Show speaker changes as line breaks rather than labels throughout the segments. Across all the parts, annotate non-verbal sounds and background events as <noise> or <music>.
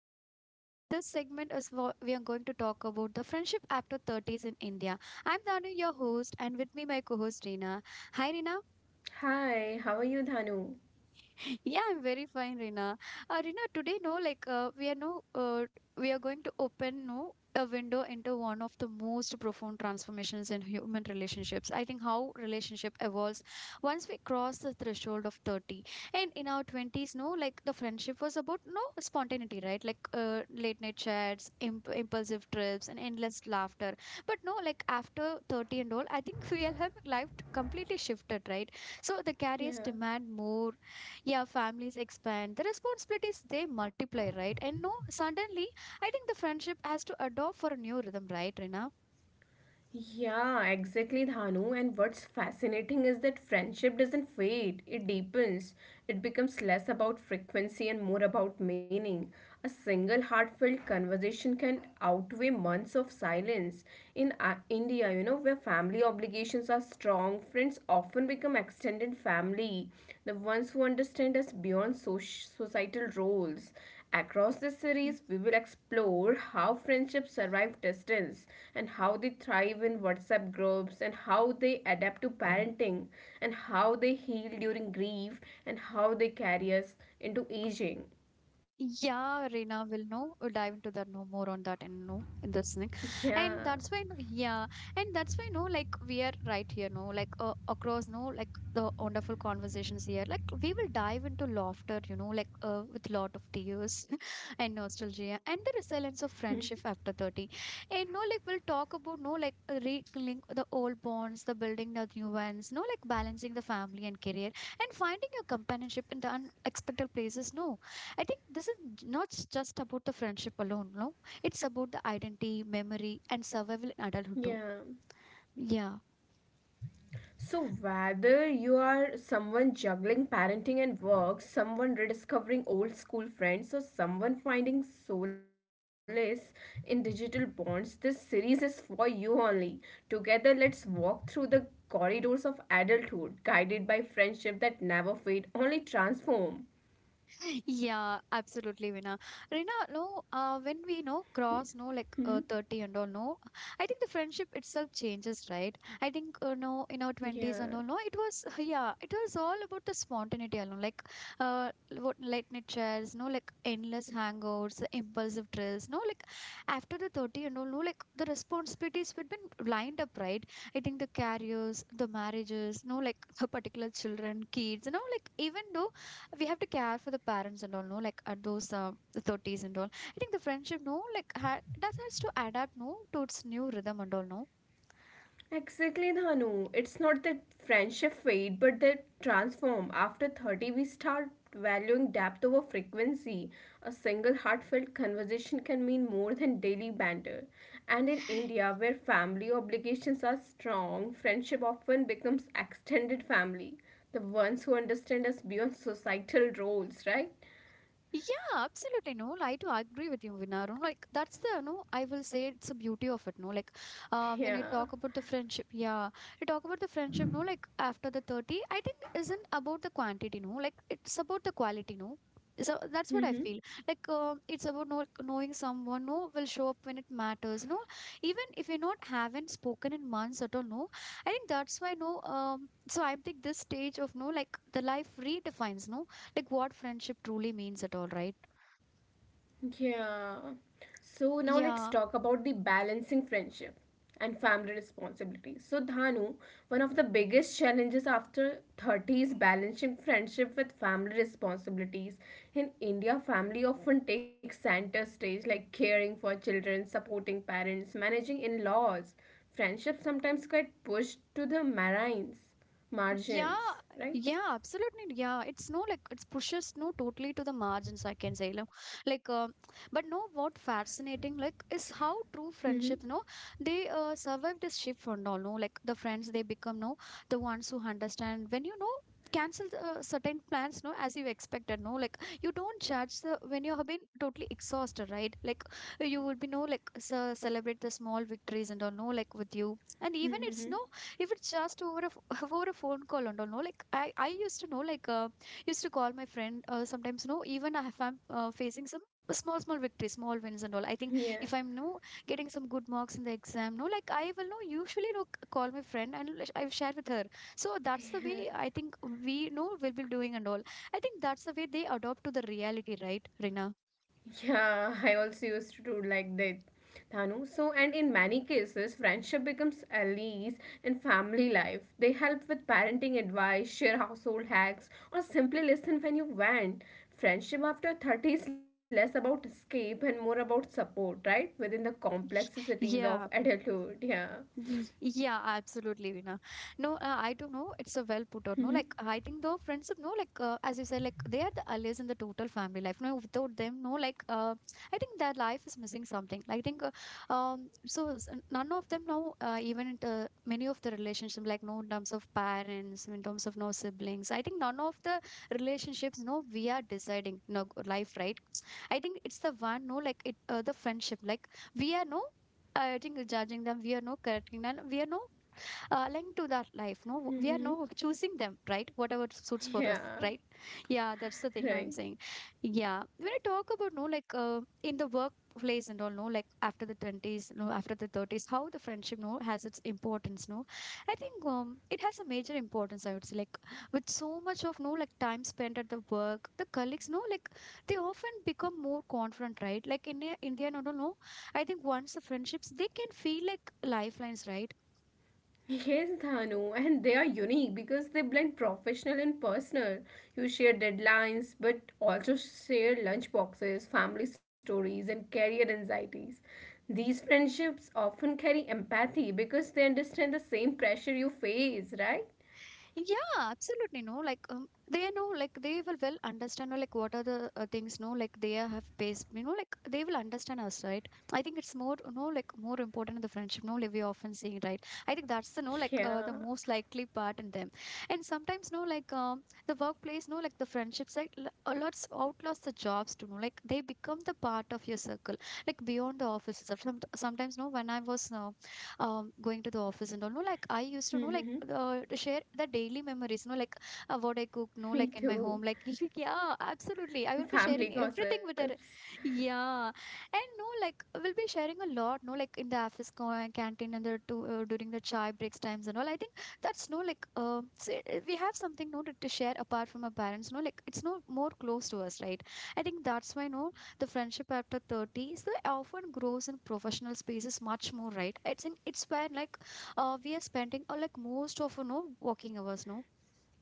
India. And this segment is for we are going to talk about the friendship after 30s in India. I'm Danu, your host, and with me my co-host Reena. Hi Reena.
Hi, how are you, Dhanu?
Yeah, I'm very fine, Rina. Rina, today, no, we are going to open no a window into one of the most profound transformations in human relationships. I think how relationship evolves once we cross the threshold of 30. And in our 20s, no, like the friendship was about no spontaneity, right? Late night chats, impulsive trips, and endless laughter. But no, like after 30 and all, I think <laughs> we all have life completely shifted, right? So the carriers
Yeah.
demand more yeah, families expand. The responsibilities they multiply, right? And no, suddenly, I think the friendship has to adopt for a new rhythm, right, Rina?
Yeah, exactly, Dhanu. And what's fascinating is that friendship doesn't fade, it deepens. It becomes less about frequency and more about meaning. A single heartfelt conversation can outweigh months of silence. In India, you know, where family obligations are strong, friends often become extended family, the ones who understand us beyond societal roles. Across this series, we will explore how friendships survive distance and how they thrive in WhatsApp groups and how they adapt to parenting and how they heal during grief and how they carry us into aging.
Yeah, Reena will know. We'll dive into that no more on that and no in this thing, and
Yeah,
that's why no, yeah, and that's why no, like we are right here, no, across no, like the wonderful conversations here, like we will dive into laughter, you know, with lot of tears <laughs> and nostalgia and the resilience of friendship after 30, and no, like we'll talk about no, like rekindling the old bonds, the building the new ones, no, like balancing the family and career and finding your companionship in the unexpected places, no I think this is not just about the friendship alone, no? It's about the identity, memory, and survival in
yeah.
adulthood too. Yeah.
So, whether you are someone juggling parenting and work, someone rediscovering old school friends, or someone finding solace in digital bonds, this series is for you only. Together, let's walk through the corridors of adulthood, guided by friendship that never fade, only transform.
Yeah, absolutely, Vina. Rina, no, when we know cross, no,
Mhm.
30 and all, no, I think the friendship itself changes, right? I think, no, in our 20s and
Yeah.
all, no, it was, <laughs> yeah, it was all about the spontaneity alone, like uh, what late night chairs, no, like endless hangouts, the impulsive trills, no, like after the 30 and all, no, like the responsibilities would been lined up, right? I think the careers, the marriages, no, like <laughs> the particular children, kids, you know, like even though we have to care for the parents and all no like at those the 30s and all I think the friendship no like that has to adapt no to its new rhythm and all no
Exactly, Dhanu. It's not that friendship fade, but they transform. After 30, we start valuing depth over frequency. A single heartfelt conversation can mean more than daily banter. And in India, where family obligations are strong, friendship often becomes extended family. The ones who understand us beyond societal roles, right?
Yeah, absolutely. No, I do agree with you, Vinarun. Like that's the no, I will say it's a beauty of it. No, like
<laughs>
when you
Yeah.
talk about the friendship, yeah, you talk about the friendship. No, like after the 30, I think isn't about the quantity. No, like it's about the quality. No, so that's what I
Mm-hmm.
feel. It's about know, knowing someone. No, will show up when it matters. No, even if you not haven't spoken in months at all. No, I think that's why. No, so I think this stage of no, like the life redefines. No like what friendship truly means at all, right?
Yeah. So now let's
Yeah,
talk about the balancing friendship and family responsibility. So Dhanu, one of the biggest challenges after 30 is balancing friendship with family responsibilities. In India, family often takes center stage like caring for children, supporting parents, managing in-laws. Friendship sometimes get pushed to the marines,
Yeah,
margins, right?
yeah, absolutely. Yeah, it's no like it's pushes no totally to the margins. I can say, no, like, uh, but no, what fascinating like is how true
Mm-hmm.
friendships, no, they survive this shift and all. No, like the friends they become, no, the ones who understand when you know cancel the, certain plans no as you expected no like you don't judge the when you have been totally exhausted right like you will be no like celebrate the small victories and all no like with you and even it's no
Mm-hmm.
if it's just over a <laughs> over a phone call and all no like i used to know like used to call my friend sometimes no, even if I'm facing some small small victories small wins and all I think if I'm no getting some good marks in the exam no like I will no usually no call my friend and I've shared with her so that's the way I
Yeah. <laughs>
think we know will be doing and all I think that's the way they adopt to the reality right rina
Yeah, <laughs> I also used to do like that. Thanu. So, and in many cases, friendship becomes allies in family life. They help with parenting advice, share household hacks, or simply listen when you want. Friendship after 30 is less about escape and more about support, right? Within the complexities of
yeah
adulthood. Yeah.
Yeah, absolutely, Vina. No, I don't know. It's a well put out. No,
Mm-hmm.
like
<laughs>
I think though friendship. No, like as you said, like they are the allies in the total family life. No, without them, no, I think their life is missing something. I think, so s- none of them now, even in the, many of the relationship, like no, in terms of parents, in terms of no siblings. I think none of the relationships, no, we are deciding, no life, right? I think it's the one, no, like it, the friendship, like we are no I think judging them, we are no correcting them. We are no aligned to that life no we are
Mm-hmm.
now choosing them right whatever suits for us
Yeah.
right yeah that's the thing I'm
Right.
saying yeah when I talk about no like in the workplace and all no like after the 20s no after the 30s how the friendship no has its importance no I think it has a major importance I would say like with so much of no like time spent at the work the colleagues no like they often become more confident right like in india no no no I think once the friendships they can feel like lifelines right
Yes, Dhanu, and they are unique because they blend professional and personal. You share deadlines, but also share lunch boxes, family stories, and career anxieties. These friendships often carry empathy because they understand the same pressure you face, right?
Yeah, absolutely. No, like they know, like they will well understand, or like what are the things, no, like they are have based, you know, like they will understand us, right? I think it's more, you know, like more important in the friendship, no, like we often see, right? I think that's the, no, like the
Yeah,
most likely part in them. And sometimes, no, like the workplace, no, like the friendship side, a lot's outlaws the jobs to know, like they become the part of your circle, like beyond the offices. Some, sometimes, no, when I was going to the office and all. No, like I
<laughs>
used
me
to know, like to share the daily memories. No, like what I cook. No, like in my home.
too.
Like <laughs> yeah, absolutely. I will be sharing
Family
everything with her.
gossips.
Yeah, and no, like we'll be sharing a lot. No, like in the office canteen and the during the chai breaks times and all. I think that's no like we have something no to share apart from our parents. No, like it's no more close to us, right? I think that's why no the friendship after 30 so it often grows in professional spaces much more right it's in it's where like we are spending or like most of you know working hours no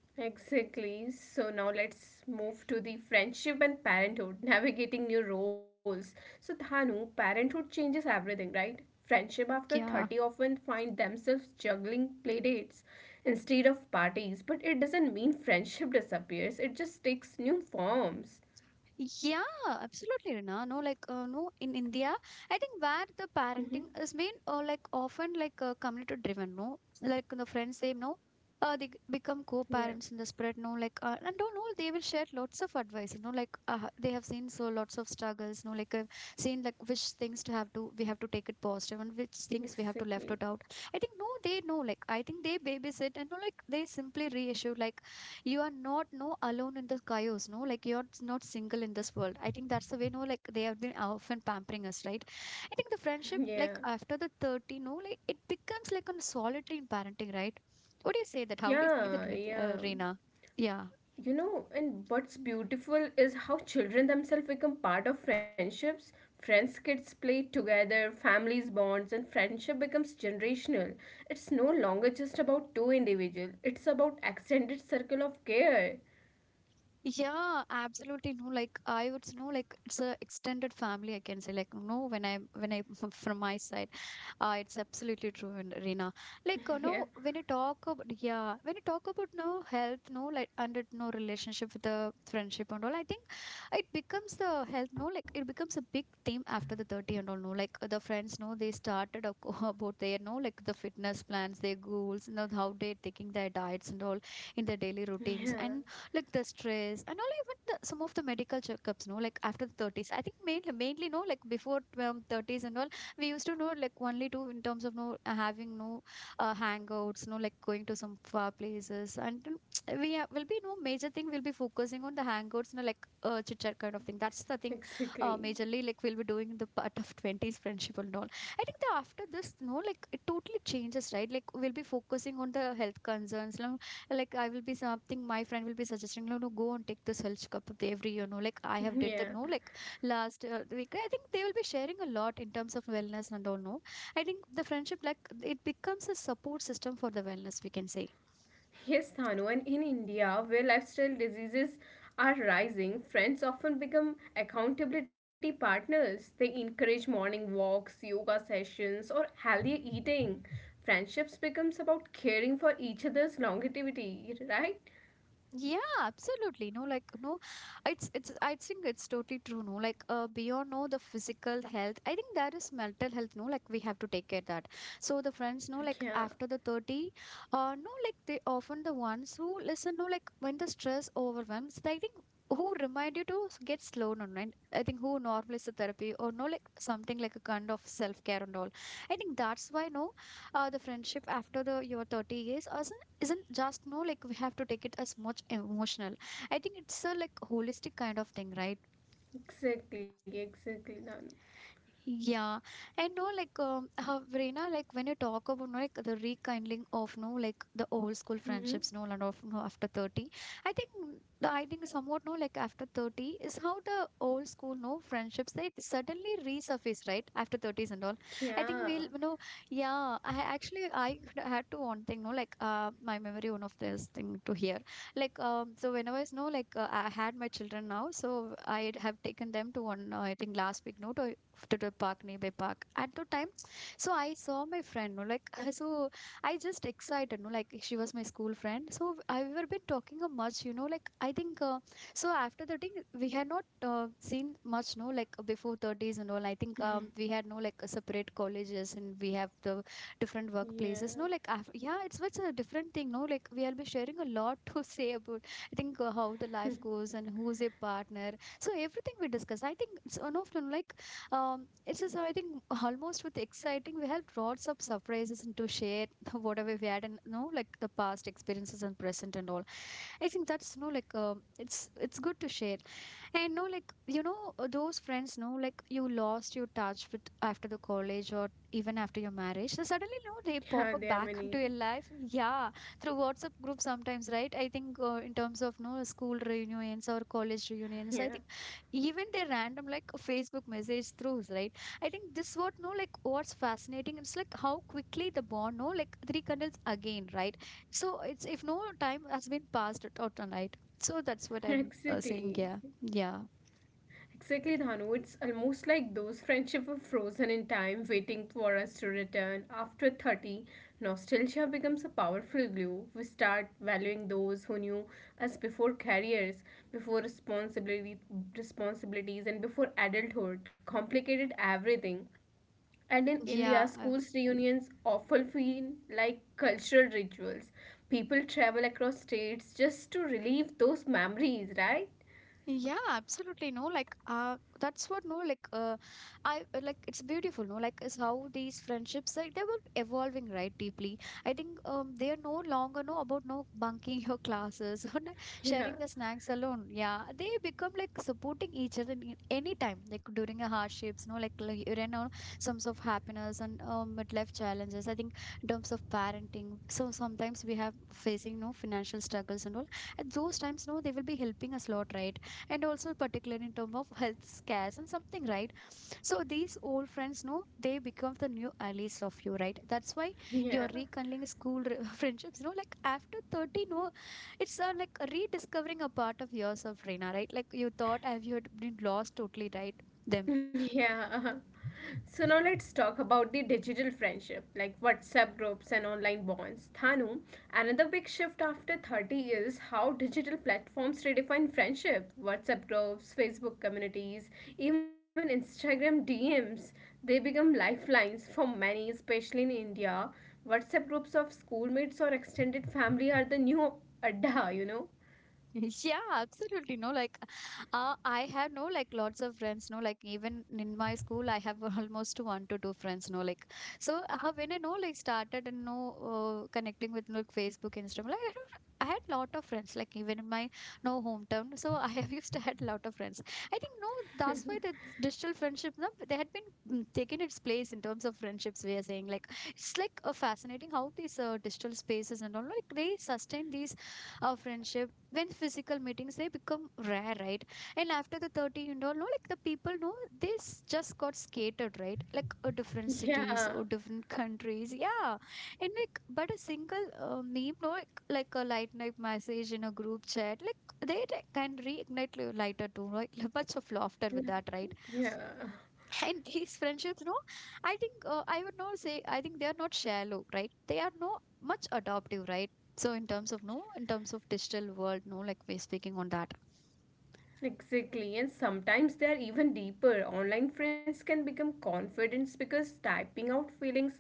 Exactly. So now let's move to the friendship and parenthood, <laughs> navigating new roles. So Dhanu, parenthood changes everything, right? Friendship after 30
yeah
often find themselves juggling playdates instead of parties, but it doesn't mean <laughs> friendship disappears. It just takes new forms.
Yeah, absolutely, Rina. No, no, in India, I think where the parenting
Mm-hmm.
is been, like often like community driven. No, like the friends they know, become
Yeah,
co-parents in the spread. No, and don't know they will share lots of advice. You know, like they have seen so lots of struggles. No, like seen like which things to have to we have to take it positive and which things we have to left
exactly.
it
<laughs>
out. I think no, they know. Like I think they babysit and no, like they simply reissue like you are not no alone in the chaos no like you're not single in this world I think that's the way no like they have been often pampering us right I think the friendship
Yeah.
like after the 30 no like it becomes like a solitary in parenting right what do you say that how do you see that
Yeah,
with
yeah.
reena yeah
You know, and what's beautiful is how children themselves become part of friendships. Friends kids play together, families bonds, and friendship becomes generational. It's no longer just about two individuals, it's about extended circle of care.
Yeah, absolutely. No, like I would know, like it's a extended family. I can say, like, no, when I <laughs> from my side, it's absolutely true, and Reena. Like,
<laughs>
you
Yeah,
know, when you talk about no health, no, like under no relationship with the friendship and all, I think it becomes the health. No, like it becomes a big theme after the 30 and all. No, like the friends, no, they started a <laughs> about their no, like the fitness plans, their goals, you know, how they're taking their diets and all in their daily routines.
yeah,
And like the stress and all, even the, some of the medical checkups, no, like after the 30s. I think mainly no, like before 30s and all we used to know like only two in terms of no having no hangouts, no, like going to some far places. And then <tsk> will be no major thing, we'll be focusing on the hangouts, no, like chit chat kind of thing. That's the thing
exactly.
majorly like we'll be doing in the part of 20s friendship and all. I think that after this, no, like it totally changes, right? Like we'll be focusing on the health concerns. No, like I will be something, my friend will be suggesting, no, no, go and take this health cup every year. No, like I have did the no,
Yeah.
like last week. I think they will be sharing a lot in terms of wellness and all. No, I think the friendship like it becomes a support system for the wellness, we can say.
Yes, Thanu, and in India, where lifestyle diseases are rising, friends often become accountability partners. They encourage morning walks, yoga sessions, or healthier eating. Friendships becomes about caring for each other's longevity, right?
Yeah, absolutely. No, like no, it's I think it's totally true. No, like uh, beyond no the physical health, I think that is mental health. No, like we have to take care that. So the friends, no, like
Yeah,
after the 30, no, like they often the ones who listen, no, like when the stress overwhelms, I think who remind you to get slow down, right? I think who normalize the therapy, or no like something like a kind of self care and all. I think that's why no the friendship after the your 30 years isn't just no like we have to take it as much emotional. I think it's a like holistic kind of thing, right?
exactly, exactly, Thanu.
Yeah, and no, like how Reena, like when you talk about no, like the rekindling of no, like the old school
Mm-hmm.
friendships, no, and of no after 30, I think somewhat no, like after 30 is how the old school no friendships they suddenly resurface, right? After thirties and all. I think
Yeah,
we'll, you know, yeah, I actually I had to one thing, no, like uh, my memory, one of this thing to hear like so whenever I was no like I had my children now, so I have taken them to one I think last week no to to the park, nearby park at the time. So I saw my friend, no, like so I just excited, no, like she was my school friend. So I we were been talking a much, you know, like I think so after the thing we had not seen much no like before 30s and all. I think we had no like separate colleges and we have the different workplaces no
yeah,
like yeah, it's a different thing, no, like we'll be sharing a lot <laughs> to say about I think how the life goes and who's a partner. So everything we discuss, I think it's one of them like it's just, I think, almost with exciting, we have lots of surprises and to share <laughs> whatever we had, and, you know, like the past experiences and present and all. I think that's, no like, it's good to share. And, no like, you know, those friends, no like, you lost your touch with after the college or even after your marriage. So suddenly, no, they
yeah.
pop up
There are
back <laughs>
many.
into your life. Yeah, through WhatsApp group sometimes, right? I think in terms of, no, school reunions or college reunions, I
Yeah,
think even their random like Facebook message throughs, right? I think this what no like what's fascinating, it's like how quickly the bond no like rekindles again, right? So it's if no time has been passed at all tonight. So that's what
<laughs>
I'm saying.
exactly.
yeah yeah
Exactly, Dhanu. It's almost like those friendships were frozen in time, waiting for us to return. After 30, nostalgia becomes a powerful glue. We start valuing those who knew us before careers, before responsibility, responsibilities, and before adulthood complicated everything. And in India,
yeah
schools reunions often feel like cultural rituals. People travel across states just to relive those memories, right?
Yeah, absolutely. No, like that's what no, like I like it's beautiful, no, like is how these friendships like they were evolving, right? Deeply. I think they are no longer no about no bunking your classes <laughs> or sharing the
<laughs>
snacks alone. Yeah. They become like supporting each other in any time, like during a hardships, no, like you know, some sort of happiness and midlife challenges. I think in terms of parenting. So sometimes we have facing no financial struggles and all. At those times, no, they will be helping us a lot, right? And also particularly in terms of health scares and something, right? So these old friends, no, they become the new allies of you, right? That's why you're
Yeah, yeah.
rekindling school <laughs> friendships, no? Like after 30, no, it's like rediscovering a part of yourself, Reena, right? Like you thought have you had been lost totally, right? Them
Yeah. <laughs> So now let's talk about the digital friendship, like WhatsApp groups and online bonds. Thanu, another big shift after 30 years how digital platforms redefine friendship. WhatsApp groups, Facebook communities, even Instagram DMs, they become lifelines for many, especially in India. WhatsApp groups of schoolmates or extended family are the new adda, you know?
<laughs> Yeah, absolutely. No, like, I have no, like, lots of friends. No, like, even in my school, I have <laughs> almost one to two friends. No, like, so when I know, like, started and no connecting with like Facebook, Instagram, like, I don't. I had lot of friends, like even in my no hometown. <laughs> So I have used to had lot of friends. I think no, that's why the digital friendship, no, they had been taken its place in terms of friendships. We are saying like it's like fascinating how these digital spaces and all like they sustain these our friendship when physical meetings they become rare, right? And after the 30 and all, no like the people know this just got scattered, right? Like different
<laughs>
cities
Yeah.
or different <laughs> countries, yeah. And like, but a single meme, no like, like a light night message in a group chat, like they like, can reignite lighter too, right? <laughs> Much of laughter
Yeah.
with that, right?
Yeah.
<laughs> And these friendships, no, I think I would not say, I think they are not shallow, right? They are no much adoptive, right? So in terms of no, in terms of digital world, no, like we're speaking on that.
Exactly, and sometimes they are even deeper. Online friends can become confidence because typing out feelings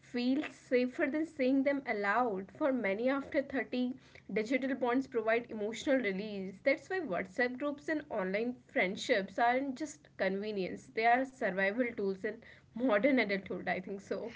feels safer than saying them aloud. For many after 30, digital bonds provide emotional release. That's why WhatsApp groups and online friendships aren't just convenience, they are survival tools in modern adulthood, I think so.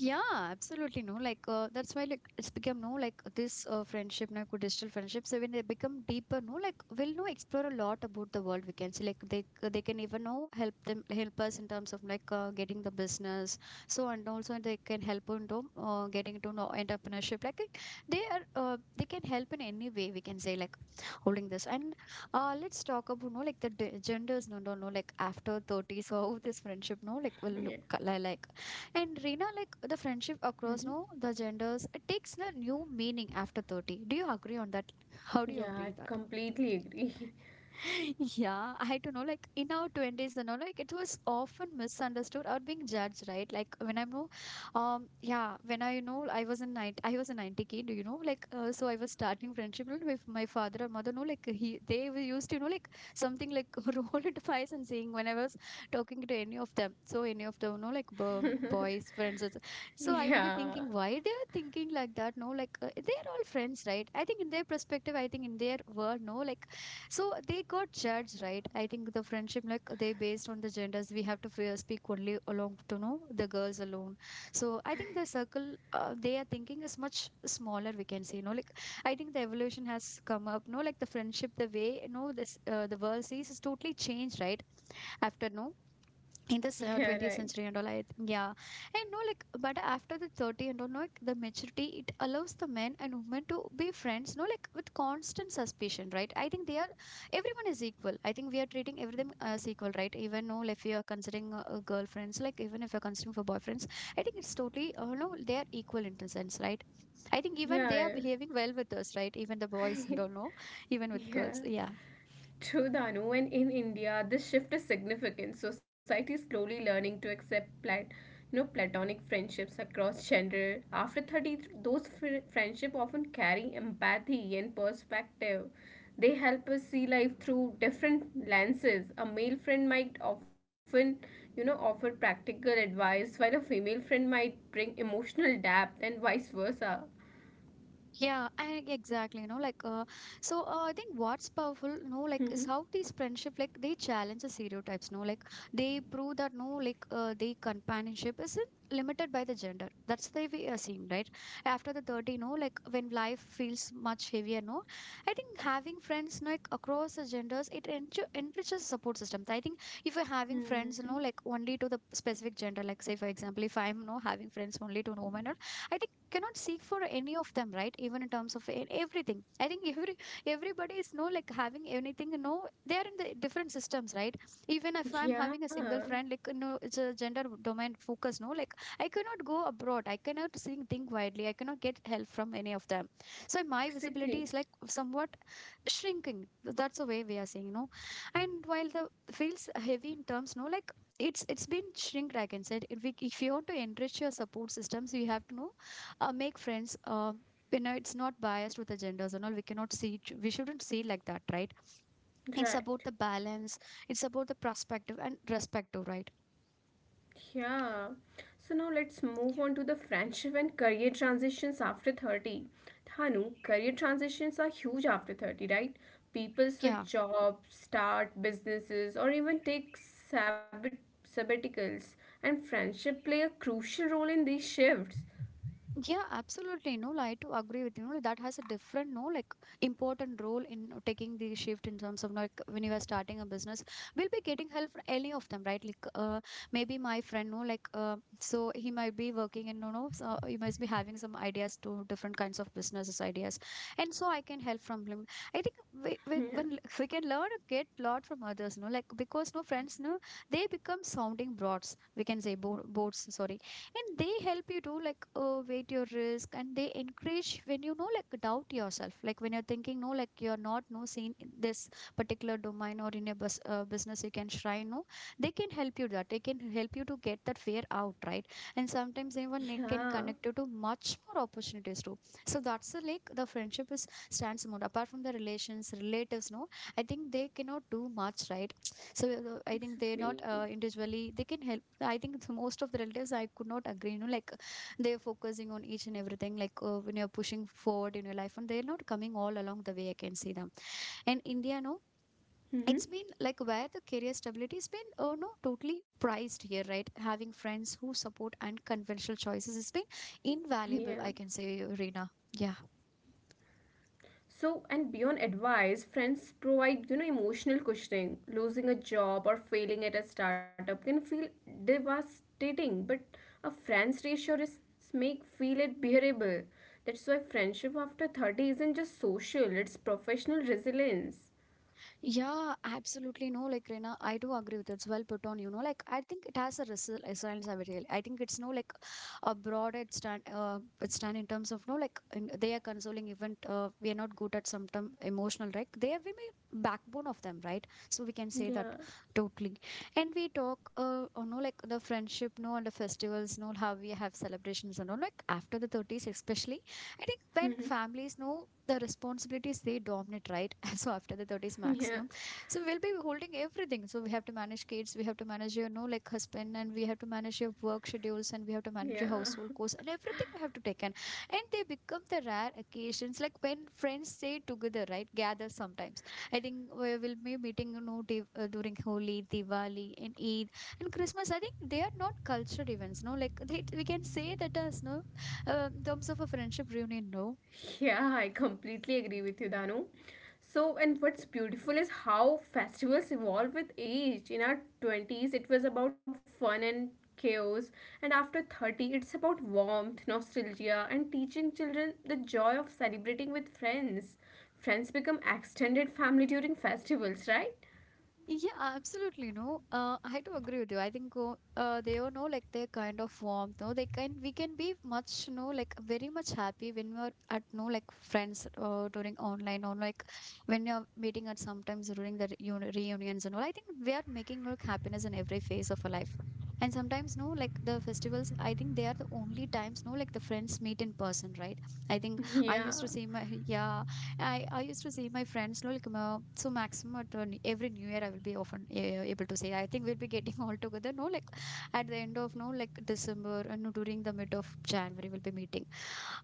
Yeah, absolutely. No, like that's why like it's become no like this friendship now co digital friendships. So when they become deeper, no, like we'll know explore a lot about the world. We can see like they they can even know help them help us in terms of like getting the business. So and also they can help into getting into know entrepreneurship. Like it- they are they can help in any way, we can say, like holding this. And let's talk about no like the genders. No, no, no. Like after thirties, <laughs> so how this friendship no like will
Yeah,
look like. And Rina, like the friendship across
hmm
no the genders, it takes the new meaning after 30. Do you agree on that? How do you
yeah
agree
I
that?
completely agree.
<laughs> Yeah, I don't know. Like in our twenties and all, like it was often misunderstood or being judged, right? Like when I know, yeah, when I you know I was a 90 kid, you know, like so I was starting friendship, you know, with my father or mother. No, like he they were used to, you know, like something like <laughs> roll into eyes and saying when I was talking to any of them. So any of them, you know, like boys, friends.
<laughs>
So I will be
Yeah,
thinking why they are thinking like that. No, like they are all friends, right? I think in their perspective, I think in their world, no, like so they got judged, right? I think the friendship, like they based on the genders, we have to fear speak only along to know the girls alone. So I think the circle they are thinking is much smaller, we can say, no, like I think the evolution has come up. No, like the friendship, the way you know this the world sees is totally changed, right? After no, in this
yeah,
20th
right.
century and all, yeah. And no like but after the 30 and all, no, like the maturity it allows the men and women to be friends no like with constant suspicion, right? I think they are everyone is equal, I think we are treating everything as equal, right? Even no like, if you are considering girlfriends, like even if you're considering for boyfriends, I think it's totally no they are equal in the sense, right? I think even they
Yeah.
are behaving well with us, right? Even the boys and
<laughs>
all, no, even with girls,
Yeah,
yeah.
true, Danu. And in India, this shift is significant. Society is slowly learning to accept plat- you know, platonic friendships across gender. After 30, those fr- friendship often carry empathy and perspective. They help us see life through different lenses. A male friend might often, you know, offer practical advice, while a female friend might bring emotional depth, and vice versa.
Yeah, I, exactly. You know, like, so I think what's powerful, no,
<laughs>
like, is
hmm
how these friendship, like, they challenge the stereotypes, no, like, they prove that no, like, the companionship isn't limited by the gender. That's the way we are seeing, right? After the 30, no, like, when life feels much heavier, no, I think having friends, like, across the genders, it enriches support systems. I think if you're having friends, like, only to the specific gender, like, say, for example, if I'm, no having friends only to women, or I think cannot seek for any of them, right? Even in terms of everything, I think everybody is no like having anything, no, they are in the different systems, right? Even if I'm having a
Yeah,
single friend, like, no, it's a gender domain focus, no, like I cannot go abroad, I cannot think widely, I cannot get help from any of them, so my visibility
exactly.
is like somewhat shrinking. That's the way we are saying, you know. And while the feels heavy in terms, no like, it's been shrinked, I can say. If you want to enrich your support systems, you have to know, make friends, it's not biased with the genders and all. We cannot see we shouldn't see it like that, right? It's about the
Right.
balance, it's about the perspective and respective, right?
Yeah. So now let's move on to the friendship and career transitions after 30. Thanu, career transitions are huge after 30, right? People
Yeah.
switch jobs, start businesses, or even take sabbat- sabbaticals, and friendship play a crucial role in these shifts. <laughs>
Yeah, absolutely. No, like, I to agree with you. No, that has a different, no, like important role in taking the shift in terms of like when you are starting a business, we'll be getting help from any of them, right? Like, maybe my friend, no, like, so he might be working in, no, no, so he must be having some ideas to different kinds of businesses ideas, and so I can help from him. I think we
Yeah.
when <laughs> we can learn a get lot from others, no, like because no friends, no, they become sounding boards. We can say bo boards. Sorry, and they help you to like, weight your risk, and they encourage when like doubt yourself, like when you're thinking, no, like you're not no seen in this particular domain or in a business, you can try, no, they can help you that they can help you to get that fear out, right? And sometimes even they can
Yeah,
connect you to much more opportunities too. So that's the like the friendship is stands more apart from the relations relatives, no, I think they cannot do much, right? So I think they're not,
exactly.
individually, they can help. I think it's most of the relatives I could not agree, like they're focusing on each and everything, like, when you're pushing forward in your life and they're not coming all along the way. I can see them. And India, no,
Mm-hmm.
it's been like where the career stability has been, oh no, totally prized here, right? Having friends who support unconventional choices has been invaluable,
Yeah.
I can say, Reena. Yeah.
So, and beyond advice, friends provide, you know, emotional cushioning. Losing a job or failing at a startup can feel devastating, but a friend's reassurance make feel it bearable. That's why friendship after 30 isn't just social, it's professional resilience.
Yeah, absolutely. No, like Rena, I do agree with it. It's well put on, you know. Like, I think it has a resilience, I really. I think it's no like a broad it stand in terms of no, like, in, they are consoling event. We are not good at some term emotional, right? They have been a backbone of them, right? So we can say that
Yeah,
totally. And we talk, you know, like the friendship, no, and the festivals, no, how we have celebrations and all. Like, after the 30s, especially, I think when families know the responsibilities, they dominate, right? <laughs> Also after the 30s
<laughs> yeah,
maximum, so we'll be holding everything. So we have to manage kids, we have to manage your know like husband, and we have to manage your work schedules, and we have to manage your
yeah.
household costs and everything, we have to take in. And they become the rare occasions, like when friends stay together, right, gather sometimes. I think we will be meeting, you know, during Holi, Diwali, and Eid and Christmas. I think they are not cultural events, no like we can say that as no, in terms of a friendship reunion, no.
Yeah, I completely agree with you, Danu. So, and what's beautiful is how festivals evolve with age. In our 20s, it was about fun and chaos, and after 30, it's about warmth, nostalgia, and teaching children the joy of celebrating with friends. Friends become extended family during festivals, right?
Yeah, absolutely. No, I do agree with you. I think they are no like their kind of warmth. No, they can we can be much no like very much happy when we're at no like friends, during online or like when you're meeting at sometimes during the reunions and all. I think we are making like happiness in every phase of our life. And sometimes no like the festivals. I think they are the only times no like the friends meet in person, right? I think
<laughs>
I
Yeah.
used to see my <laughs> yeah, I used to see my friends like so maximum at, every new year I will be often able to say. I think we'll be getting <laughs> all together, no like at the end of no like December and no, during the mid of January we'll be meeting.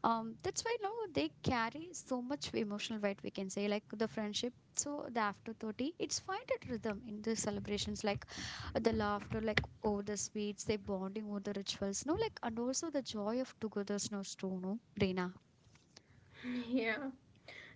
That's why no they carry so much emotional weight, we can say, like the friendship. So the after 30 it's find a rhythm in the celebrations, like the laughter like over the sweets, they bonding over the rituals, no like, and also the joy of togetherness too, no, Reena.
<laughs> Yeah.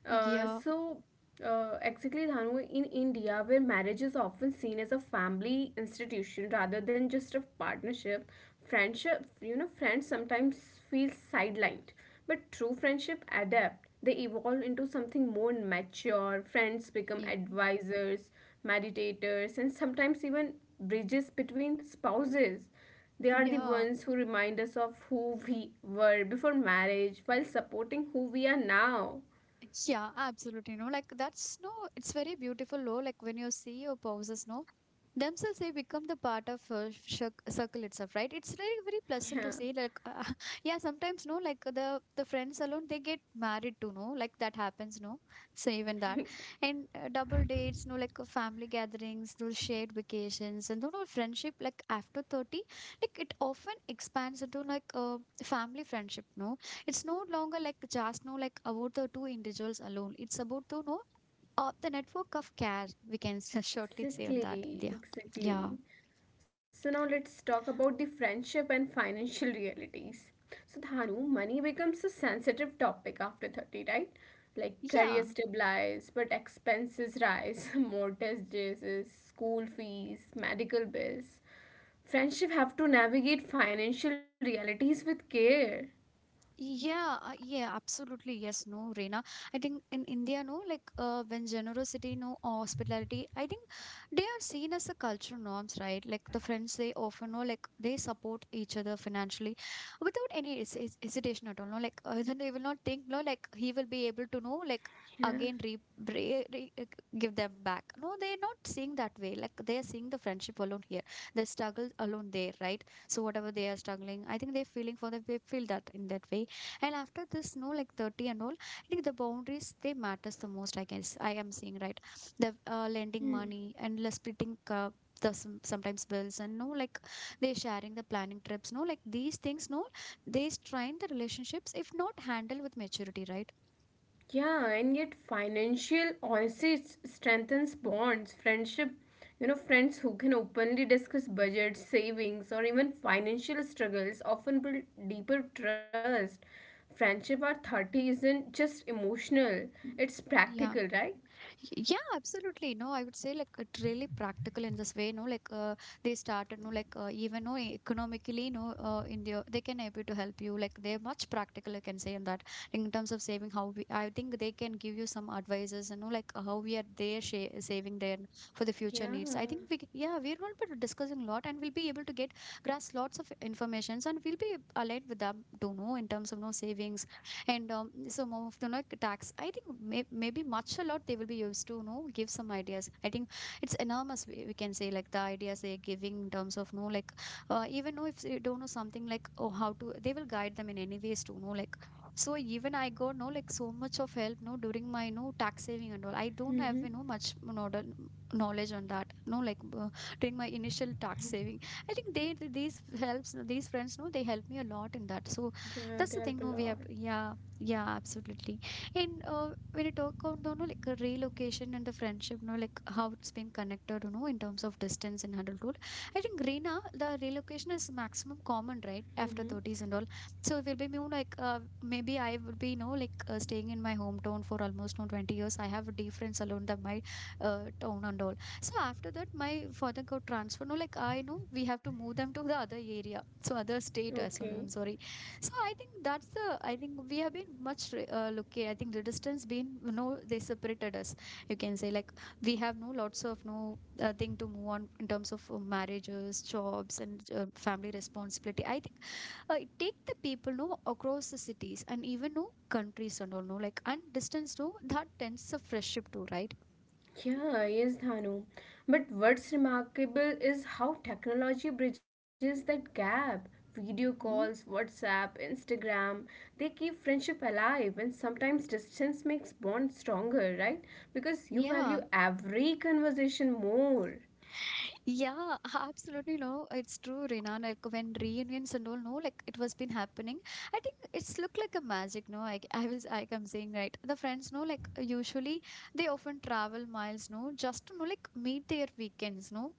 Uh,
Yeah.
so, exactly, Dhanu, in India, where marriage is often seen as a family institution rather than just a partnership, friendship, you know, friends sometimes feel sidelined. But true friendship adapt. They evolve into something more mature. Friends become
yeah
advisors, meditators, and sometimes even bridges between spouses. They are the
yeah
ones who remind us of who we were before marriage while supporting who we are now.
Yeah, absolutely. No, like that's no, it's very beautiful. No, like when you see your poses, no, themselves they become the part of, circle itself, right? It's very very pleasant to
Yeah,
see. Like, <laughs> yeah, sometimes no, like the friends alone they get married to, no, like that happens, no. So even that,
<laughs>
and, double dates, no, like, family gatherings, those shared vacations, and you know friendship. Like after 30, like it often expands into like a family friendship, no, it's no longer like just know like about the two individuals alone. It's about to know of the network of care. We can <laughs> shortly say on that. Yeah.
exactly,
Yeah.
exactly. So now let's talk about the friendship and financial realities. So Dhanu, money becomes a sensitive topic after 30, right? Like
Yeah.
career stabilizes, but expenses rise, <laughs> mortgages, school fees, medical bills. Friendship have to navigate financial realities with care.
Yeah, absolutely. Yes, no, Reena. I think in India, no, like, when generosity, no, or hospitality, I think they are seen as the cultural norms, right? Like the friends, they often know, like they support each other financially without any hesitation at all. No, like <laughs> then they will not think, no, like he will be able to know, like
Yeah.
again, re, re, re give them back. No, they're not seeing that way. Like they are seeing the friendship alone here, the struggle alone there, right? So whatever they are struggling, I think they're feeling for them, they feel that in that way. And after this, no like, 30 and all, I think the boundaries they matters the most, I guess I am seeing, right? The, lending
Hmm.
money and splitting, the sometimes bills and no like they sharing the planning trips, no like these things no, they strain the relationships if not handled with maturity, right?
Yeah, and yet financial honesty strengthens bonds, friendship. You know, friends who can openly discuss budgets, savings, or even financial struggles often build deeper trust. Friendship at 30 isn't just emotional, it's
Yeah.
practical, right?
Yeah, absolutely. No, I would say like it's really practical in this way. No, like, they started. No, like, even no economically. No, India they can able to help you. Like they're much practical. I can say in that, in terms of saving how we. I think they can give you some advices. You know, like, how we are there saving there for the future needs.
Yeah.
I think yeah we're going to be discussing a lot and we'll be able to get grasp lots of informations, and we'll be aligned with them to know in terms of no savings. And so more of the like tax, I think maybe much a lot they will be used to, you know, give some ideas. I think it's enormous, we can say like the ideas they're giving in terms of no like, even though if they don't know something like oh how to, they will guide them in any ways to know like. So even I got no like so much of help no during my no tax saving and all. I don't have you know
Mm-hmm.
much know, knowledge on that, no like, during my initial tax saving, I think these helps, these friends no, they help me a lot in that. So that's the
Yeah,
thing
they
no we
help a
have to,
lot.
yeah. Yeah, absolutely. And, when you talk about you know, like a relocation and the friendship, you know, like how it's been connected, you know, in terms of distance and adulthood, I think Reena, the relocation is maximum common, right? After
Mm-hmm.
30s and all. So it will be more like, maybe I will be, you know, like, staying in my hometown for almost no 20 years. I have different alone than my, town and all. So after that, my father got transferred. No, like I know we have to move them to the other area. So other state as
Okay.
well. I'm sorry. So I think that's the I think we have been much lucky. I think the distance been they separated us. You can say like we have no lots of no thing to move on in terms of marriages, jobs, and family responsibility. I think it take the people no across the cities and even no countries and all no like and distance no that tends a friendship too, right?
Yeah, yes, Dhanu. But what's remarkable is how technology bridges that gap. Video calls,
Mm,
WhatsApp, Instagram, they keep friendship alive, and sometimes distance makes bonds stronger, right? Because you value
yeah.
every conversation more.
Yeah, <laughs> absolutely. No, it's true, Reena. Like when reunions and all, no, like it was been happening. I think it's looked like a magic. No, I was, like I'm saying, right. The friends, no, like usually they often travel miles, no, just to, no, like meet their weekends, no.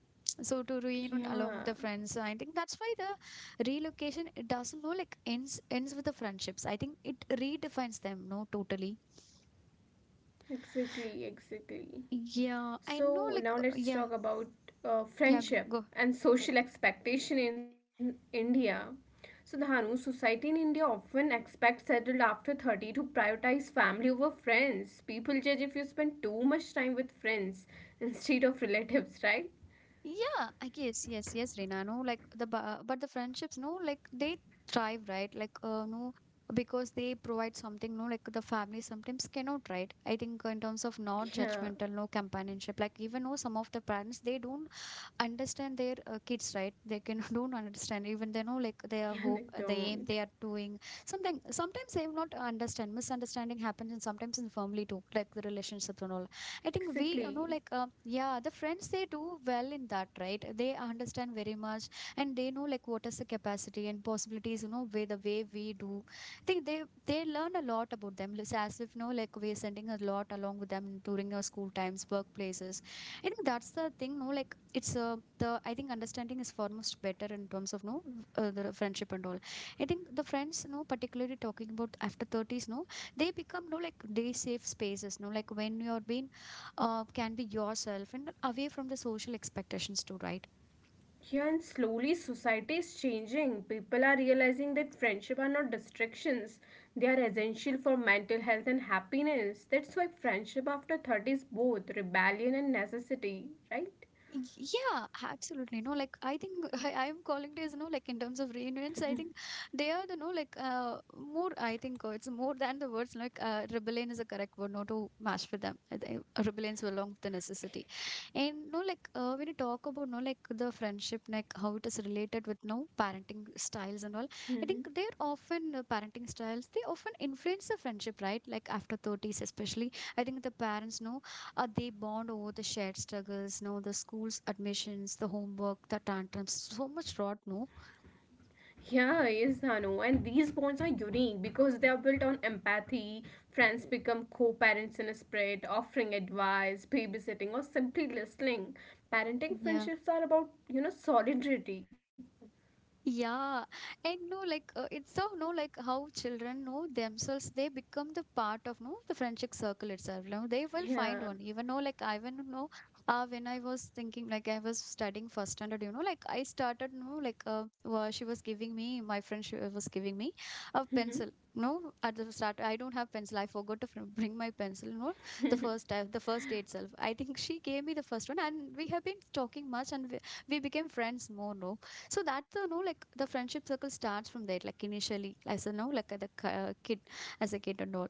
So to reunion along with
Yeah,
the friends, I think that's why the relocation it doesn't no like ends with the friendships. I think it redefines them, no, totally.
exactly, exactly.
Yeah, I know,
So
like
now let's
yeah,
talk about
yeah,
friendship
go.
and social expectation in India. So Dhanu, society in India often expects settled after 30 to prioritize family over friends. People judge if you spend too much time with friends <laughs> instead of relatives, right?
Yeah, I guess yes, yes, Reena. No, like the but the friendships, no, like they thrive, right? Like no, because they provide something, no, like the family sometimes cannot, right? I think in terms of not
Yeah,
judgmental, no companionship. Like even no, some of the parents they don't understand their kids, right? They can <laughs> don't understand, even they know like their
yeah,
hope,
they
the aim
don't.
they are doing something, sometimes they will not understand. Misunderstanding happens, and sometimes in the family too, like the relationships and all. I think we,
Exactly.
like yeah, the friends they do well in that, right? They understand very much, and they know like what is the capacity and possibilities, way the way we do. I think they learn a lot about them. It's as if like we are sending a lot along with them during our school times, workplaces. I think that's the thing, no, like it's the I think understanding is foremost better in terms of no the friendship and all. I think the friends, no, particularly talking about after thirties, no, they become no like day safe spaces, no, like when you're being can be yourself and away from the social expectations too, right?
Yeah, and slowly society is changing. People are realizing that friendship are not distractions. They are essential for mental health and happiness. That's why friendship after 30 is both rebellion and necessity, right?
Y- Yeah, absolutely. No, like I think <laughs> I'm calling it as no, like in terms of reunions, I think they are the no, like more. I think it's more than the words. Like rebellion is a correct word, not to match with them. I think rebellions were along with the necessity, and no, like when you talk about no, like the friendship, like how it is related with no parenting styles and all. I
Mhm.
think they're often parenting styles. They often influence the friendship, right? Like after thirties, especially. I think the parents know they bond over the shared struggles, no, the school's admissions, the homework, the tantrums. So much rot, no?
Yeah, yes, Anu. And these bonds are unique because they are built on empathy. Friends become co parents in a spirit, offering advice, babysitting, or simply listening. Parenting
Yeah.
friendships are about, you know, solidarity.
Yeah, and no, like it's so no, like how children know themselves, they become the part of no the friendship circle itself. No, they will find
Yeah.
one. Even though, like I even know, when I was thinking, like I was studying first standard, like I started, no, like she was giving me my friend, she was giving me a
Hmm.
pencil. No, at the start, I don't have pencil. I forgot to bring my pencil. No, the first time, the first day itself. I think she gave me the first one, and we have been talking much, and we became friends more. No, so that's the no like the friendship circle starts from there, like initially as a no like kid, as a kid and all.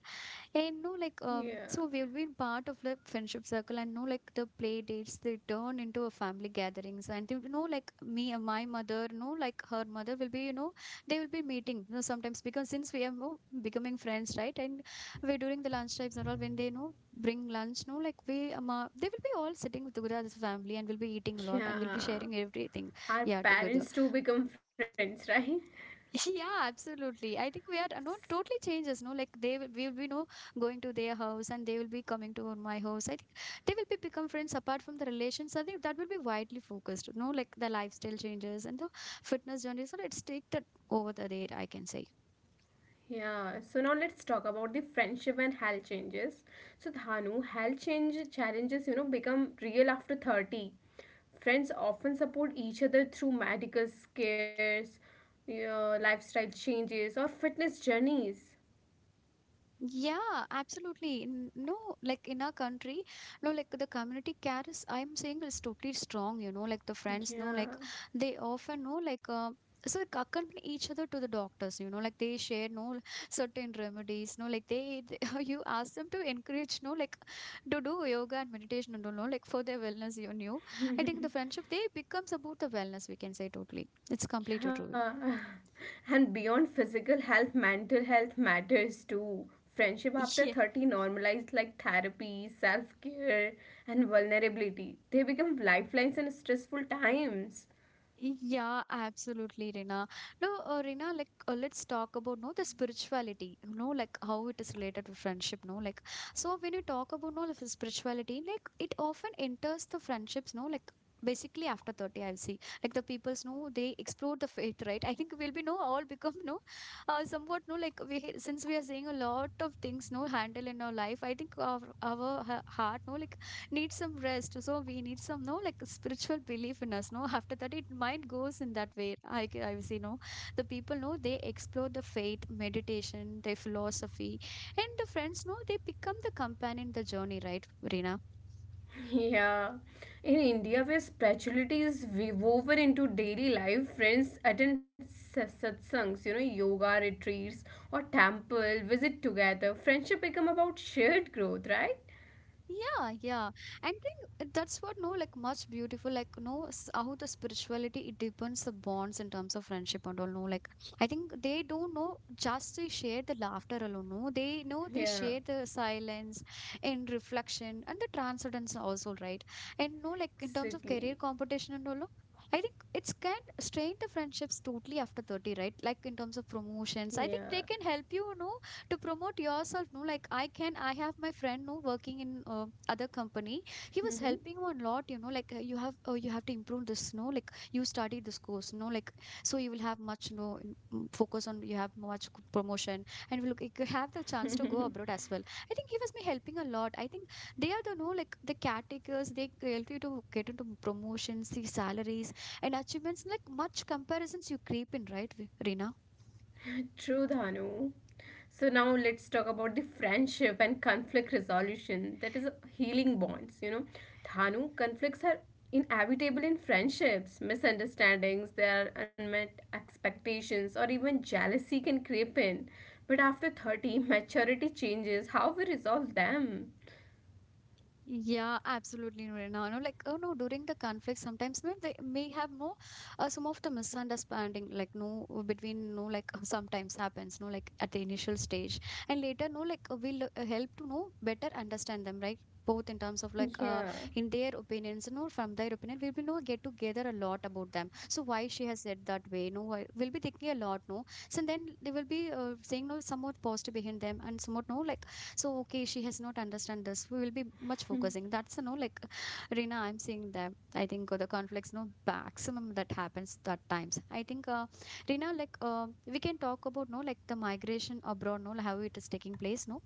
And no like
Yeah.
so we will be part of the friendship circle, and no like the play dates they turn into a family gatherings. And like me and my mother, no, like her mother will be they will be meeting, sometimes, because since we are no, becoming friends, right? And we during the lunch times and all, when they bring lunch, no, like we they will be all sitting together as a family, and we'll be eating a lot, and we'll be
Yeah.
sharing everything, yeah,
Our
together.
parents too become friends, <laughs> right?
<laughs> Yeah, absolutely. I think we are no totally changes. No, like they will, we will be no going to their house, and they will be coming to my house. I think they will be become friends apart from the relations. I think that will be widely focused. No, like the lifestyle changes and the fitness journey. So let's take that over the there, I can say.
Yeah. So now let's talk about the friendship and health changes. So Dhanu, health change challenges, you know, become real after 30. Friends often support each other through medical scares, yeah, lifestyle changes or fitness journeys.
Yeah, absolutely. No, like in our country, no, like the community care is, I'm saying is totally strong, like the friends know, like
Yeah.
they often know, like, so they accompany each other to the doctors, like they share no certain remedies, no, like they <laughs> you ask them to encourage, no, like to do yoga and meditation and all, no, like for their wellness, you know. I think the friendship they becomes about the wellness, we can say totally. It's completely true.
Yeah. <laughs> And beyond physical health, mental health matters too. Friendship after 30 normalized like therapy, self care, and vulnerability. They become lifelines in stressful times.
Yeah, absolutely, Rina. No, Rina, like let's talk about no the spirituality. You know, like how it is related to friendship. No, like so when you talk about no the spirituality, like it often enters the friendships. No, like basically after 30 I'll see like the people's no they explore the faith, right? <laughs> I think we'll be no all become no somewhat no like we, since we are saying a lot of things no handle in our life, I think heart, no, like need some rest, so we need some no like spiritual belief in us, no, after that it mind goes in that way. I see no the people know they explore the faith, meditation, their philosophy, and the friends know they become the companion in the journey, right, Reena?
<laughs> Yeah. In India, where spirituality is woven into daily life, friends attend satsangs, you know, yoga retreats or temple, visit together. Friendship become about shared growth, right?
Yeah, yeah. And think that's what no like much beautiful, like no how the spirituality it deepens the bonds in terms of friendship and all, no, like I think they don't know just they share the laughter alone, no, they know they
Yeah,
share the silence and reflection and the transcendence also, right? And no like in terms of career
exactly.
competition and all, no, I think it's can strain the friendships totally after 30, right? Like in terms of promotions, I think they
Yeah.
can help you, you know to promote yourself, no, like I can, I have my friend no working in other company. He was
Mm-hmm.
helping one lot, you know, like you have to improve this, no, like you study this course, no, like so you will have much no focus on, you have much promotion, and will you could have the chance to go abroad as well. I think he was me helping a lot. I think they are the no like the caretakers, they help you to get into promotions, the salaries and achievements, like much comparisons you creep in, right, Reena?
<laughs> True, Dhanu. So now let's talk about the friendship and conflict resolution. That is healing bonds. You know, Dhanu, conflicts are inevitable in friendships. Misunderstandings, there are unmet expectations, or even jealousy can creep in. But after 30, maturity changes how we resolve them.
Yeah, absolutely, Nurina. No, no, like, oh no, during the conflict, sometimes no, they may have no, some of the misunderstanding, like no, between no, like <laughs> sometimes happens, no, like at the initial stage, and later, no, like we'll help to know better understand them, right? Both in terms of like,
Yeah.
in their opinions, no, from their opinion, we'll be no get together a lot about them. So why she has said that way, no, why we'll be thinking a lot, no. So then they will be saying no, somewhat positive behind them, and somewhat no, like so okay she has not understand this, we will be much focusing that's, you know, like Rina, I'm seeing that. I think the conflicts, no maximum that happens that times. I think, Rina, like we can talk about no like the migration abroad, no how it is taking place, no.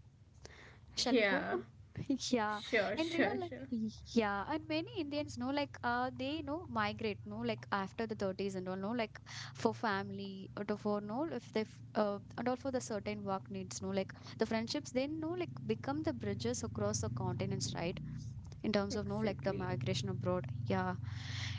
Shall we go
Yeah.
on? <laughs> Yeah,
Sure,
and Rina,
sure,
like,
sure.
yeah, and many Indians know, like, they know migrate, no, like after the 30s and all, no, like for family or to for no, if they, and all for the certain work needs, no, like the friendships, then no, like become the bridges across the continents, right? In terms of no, like the
Exactly.
migration abroad, yeah,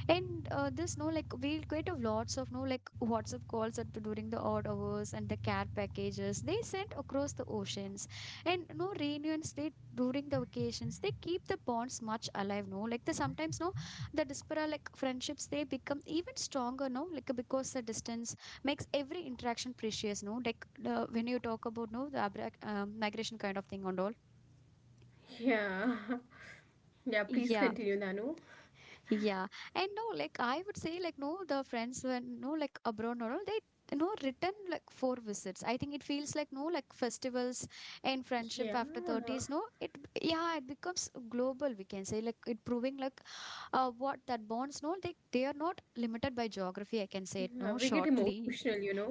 and this no, like we'll get of lots of no, like WhatsApp calls at, the, during the odd hours, and the care packages they sent across the oceans, and no reunions they during the vacations they keep the bonds much alive. No, like the sometimes no the diaspora like friendships they become even stronger. No, like because the distance makes every interaction precious. No, like when you talk about no the migration kind of thing and all.
Yeah. <laughs> Yeah, please
Yeah.
continue, Nanu.
Yeah, and no, like I would say, like no, the friends when no, like abroad, no, they no return like four visits. I think it feels like no, like festivals and
Yeah,
friendship after 30s. No, it yeah, it becomes global. We can say like it proving like what that bonds. No, they are not limited by geography. I can say it
yeah,
no
we get
shortly.
emotional, you know,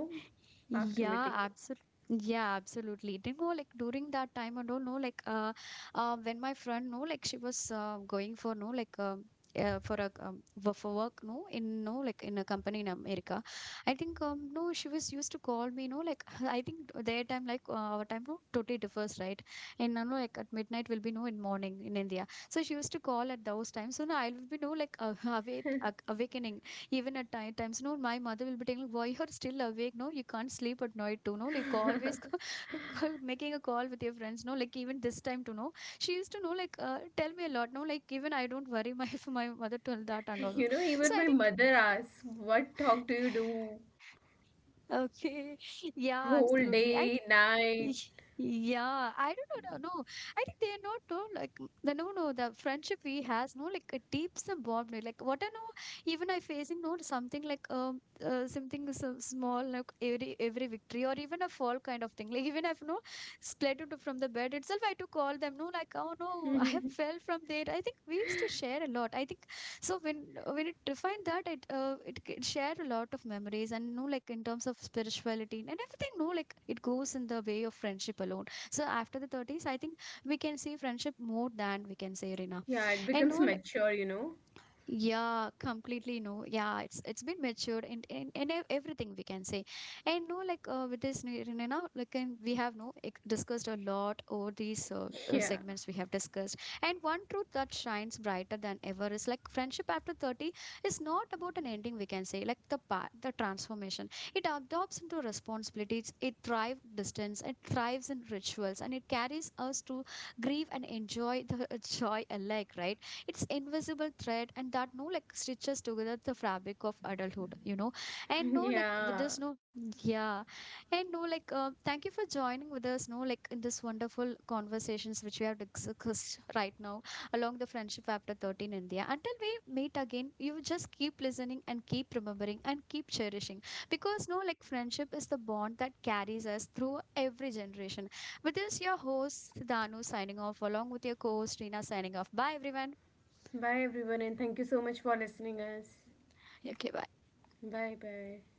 after meeting
Yeah, absolutely. Yeah, absolutely. Like during that time, I don't know, like when my friend, no, like she was going for no, like for a for work, no, in no, like in a company in America. I think no, she was used to call me, no, like <laughs> I think their time, like our time, no, totally differs, right? And like at midnight will be no in morning in India. So she used to call at those times. So now I will be no, like <laughs> awake, awakening. Even at night times, no, my mother will be telling, why you're still awake? No, you can't sleep at night too. No, like
them. <laughs>
always <laughs> making a call with your friends. No, like even this time to know. She used to know, like, tell me a lot. No, like even I don't worry my <laughs> for my mother told that and all.
You know,
So
even
I
my
think.
mother asks, What talk do you do?
Okay. <laughs> Yeah,
Whole
absolutely.
day, night.
Y- Yeah, I don't know. No, no. I think they're not no, like the no, no. The friendship we has no like a deep some bond. No, like what I know, even I facing no something like something so small like every victory or even a fall kind of thing. Like even I've no split it from the bed itself. I had to call them. No, like oh no, <laughs> I have
<laughs>
fell from there. I think we used to share a lot. I think so when it defined that it shared a lot of memories, and no like in terms of spirituality and everything, no like it goes in the way of friendship alone. So after the 30s, I think we can see friendship more than we can say, Rina.
Yeah, it
And
becomes
no,
mature, you know.
yeah, completely no. Yeah, it's been matured in everything we can say, and no, like with this Rinina, like and we have no discussed a lot over these
Yeah,
segments we have discussed, and one truth that shines brighter than ever is like friendship after 30 is not about an ending. We can say like the part the transformation. It adopts into responsibilities. It thrives distance. It thrives in rituals, and it carries us to grieve and enjoy the joy alike. Right, it's invisible thread and that no like stitches together the fabric of adulthood, and no
<laughs>
like with
yeah.
this no, yeah, and no like thank you for joining with us, no like in this wonderful conversations which we have discussed right now, along the friendship after 13 India, until we meet again. You just keep listening and keep remembering and keep cherishing, because no like friendship is the bond that carries us through every generation. With this, your host Danu signing off, along with your co-host Rina signing off. Bye, everyone.
Bye, everyone, and thank you so much for listening us.
Okay, bye.
Bye, bye.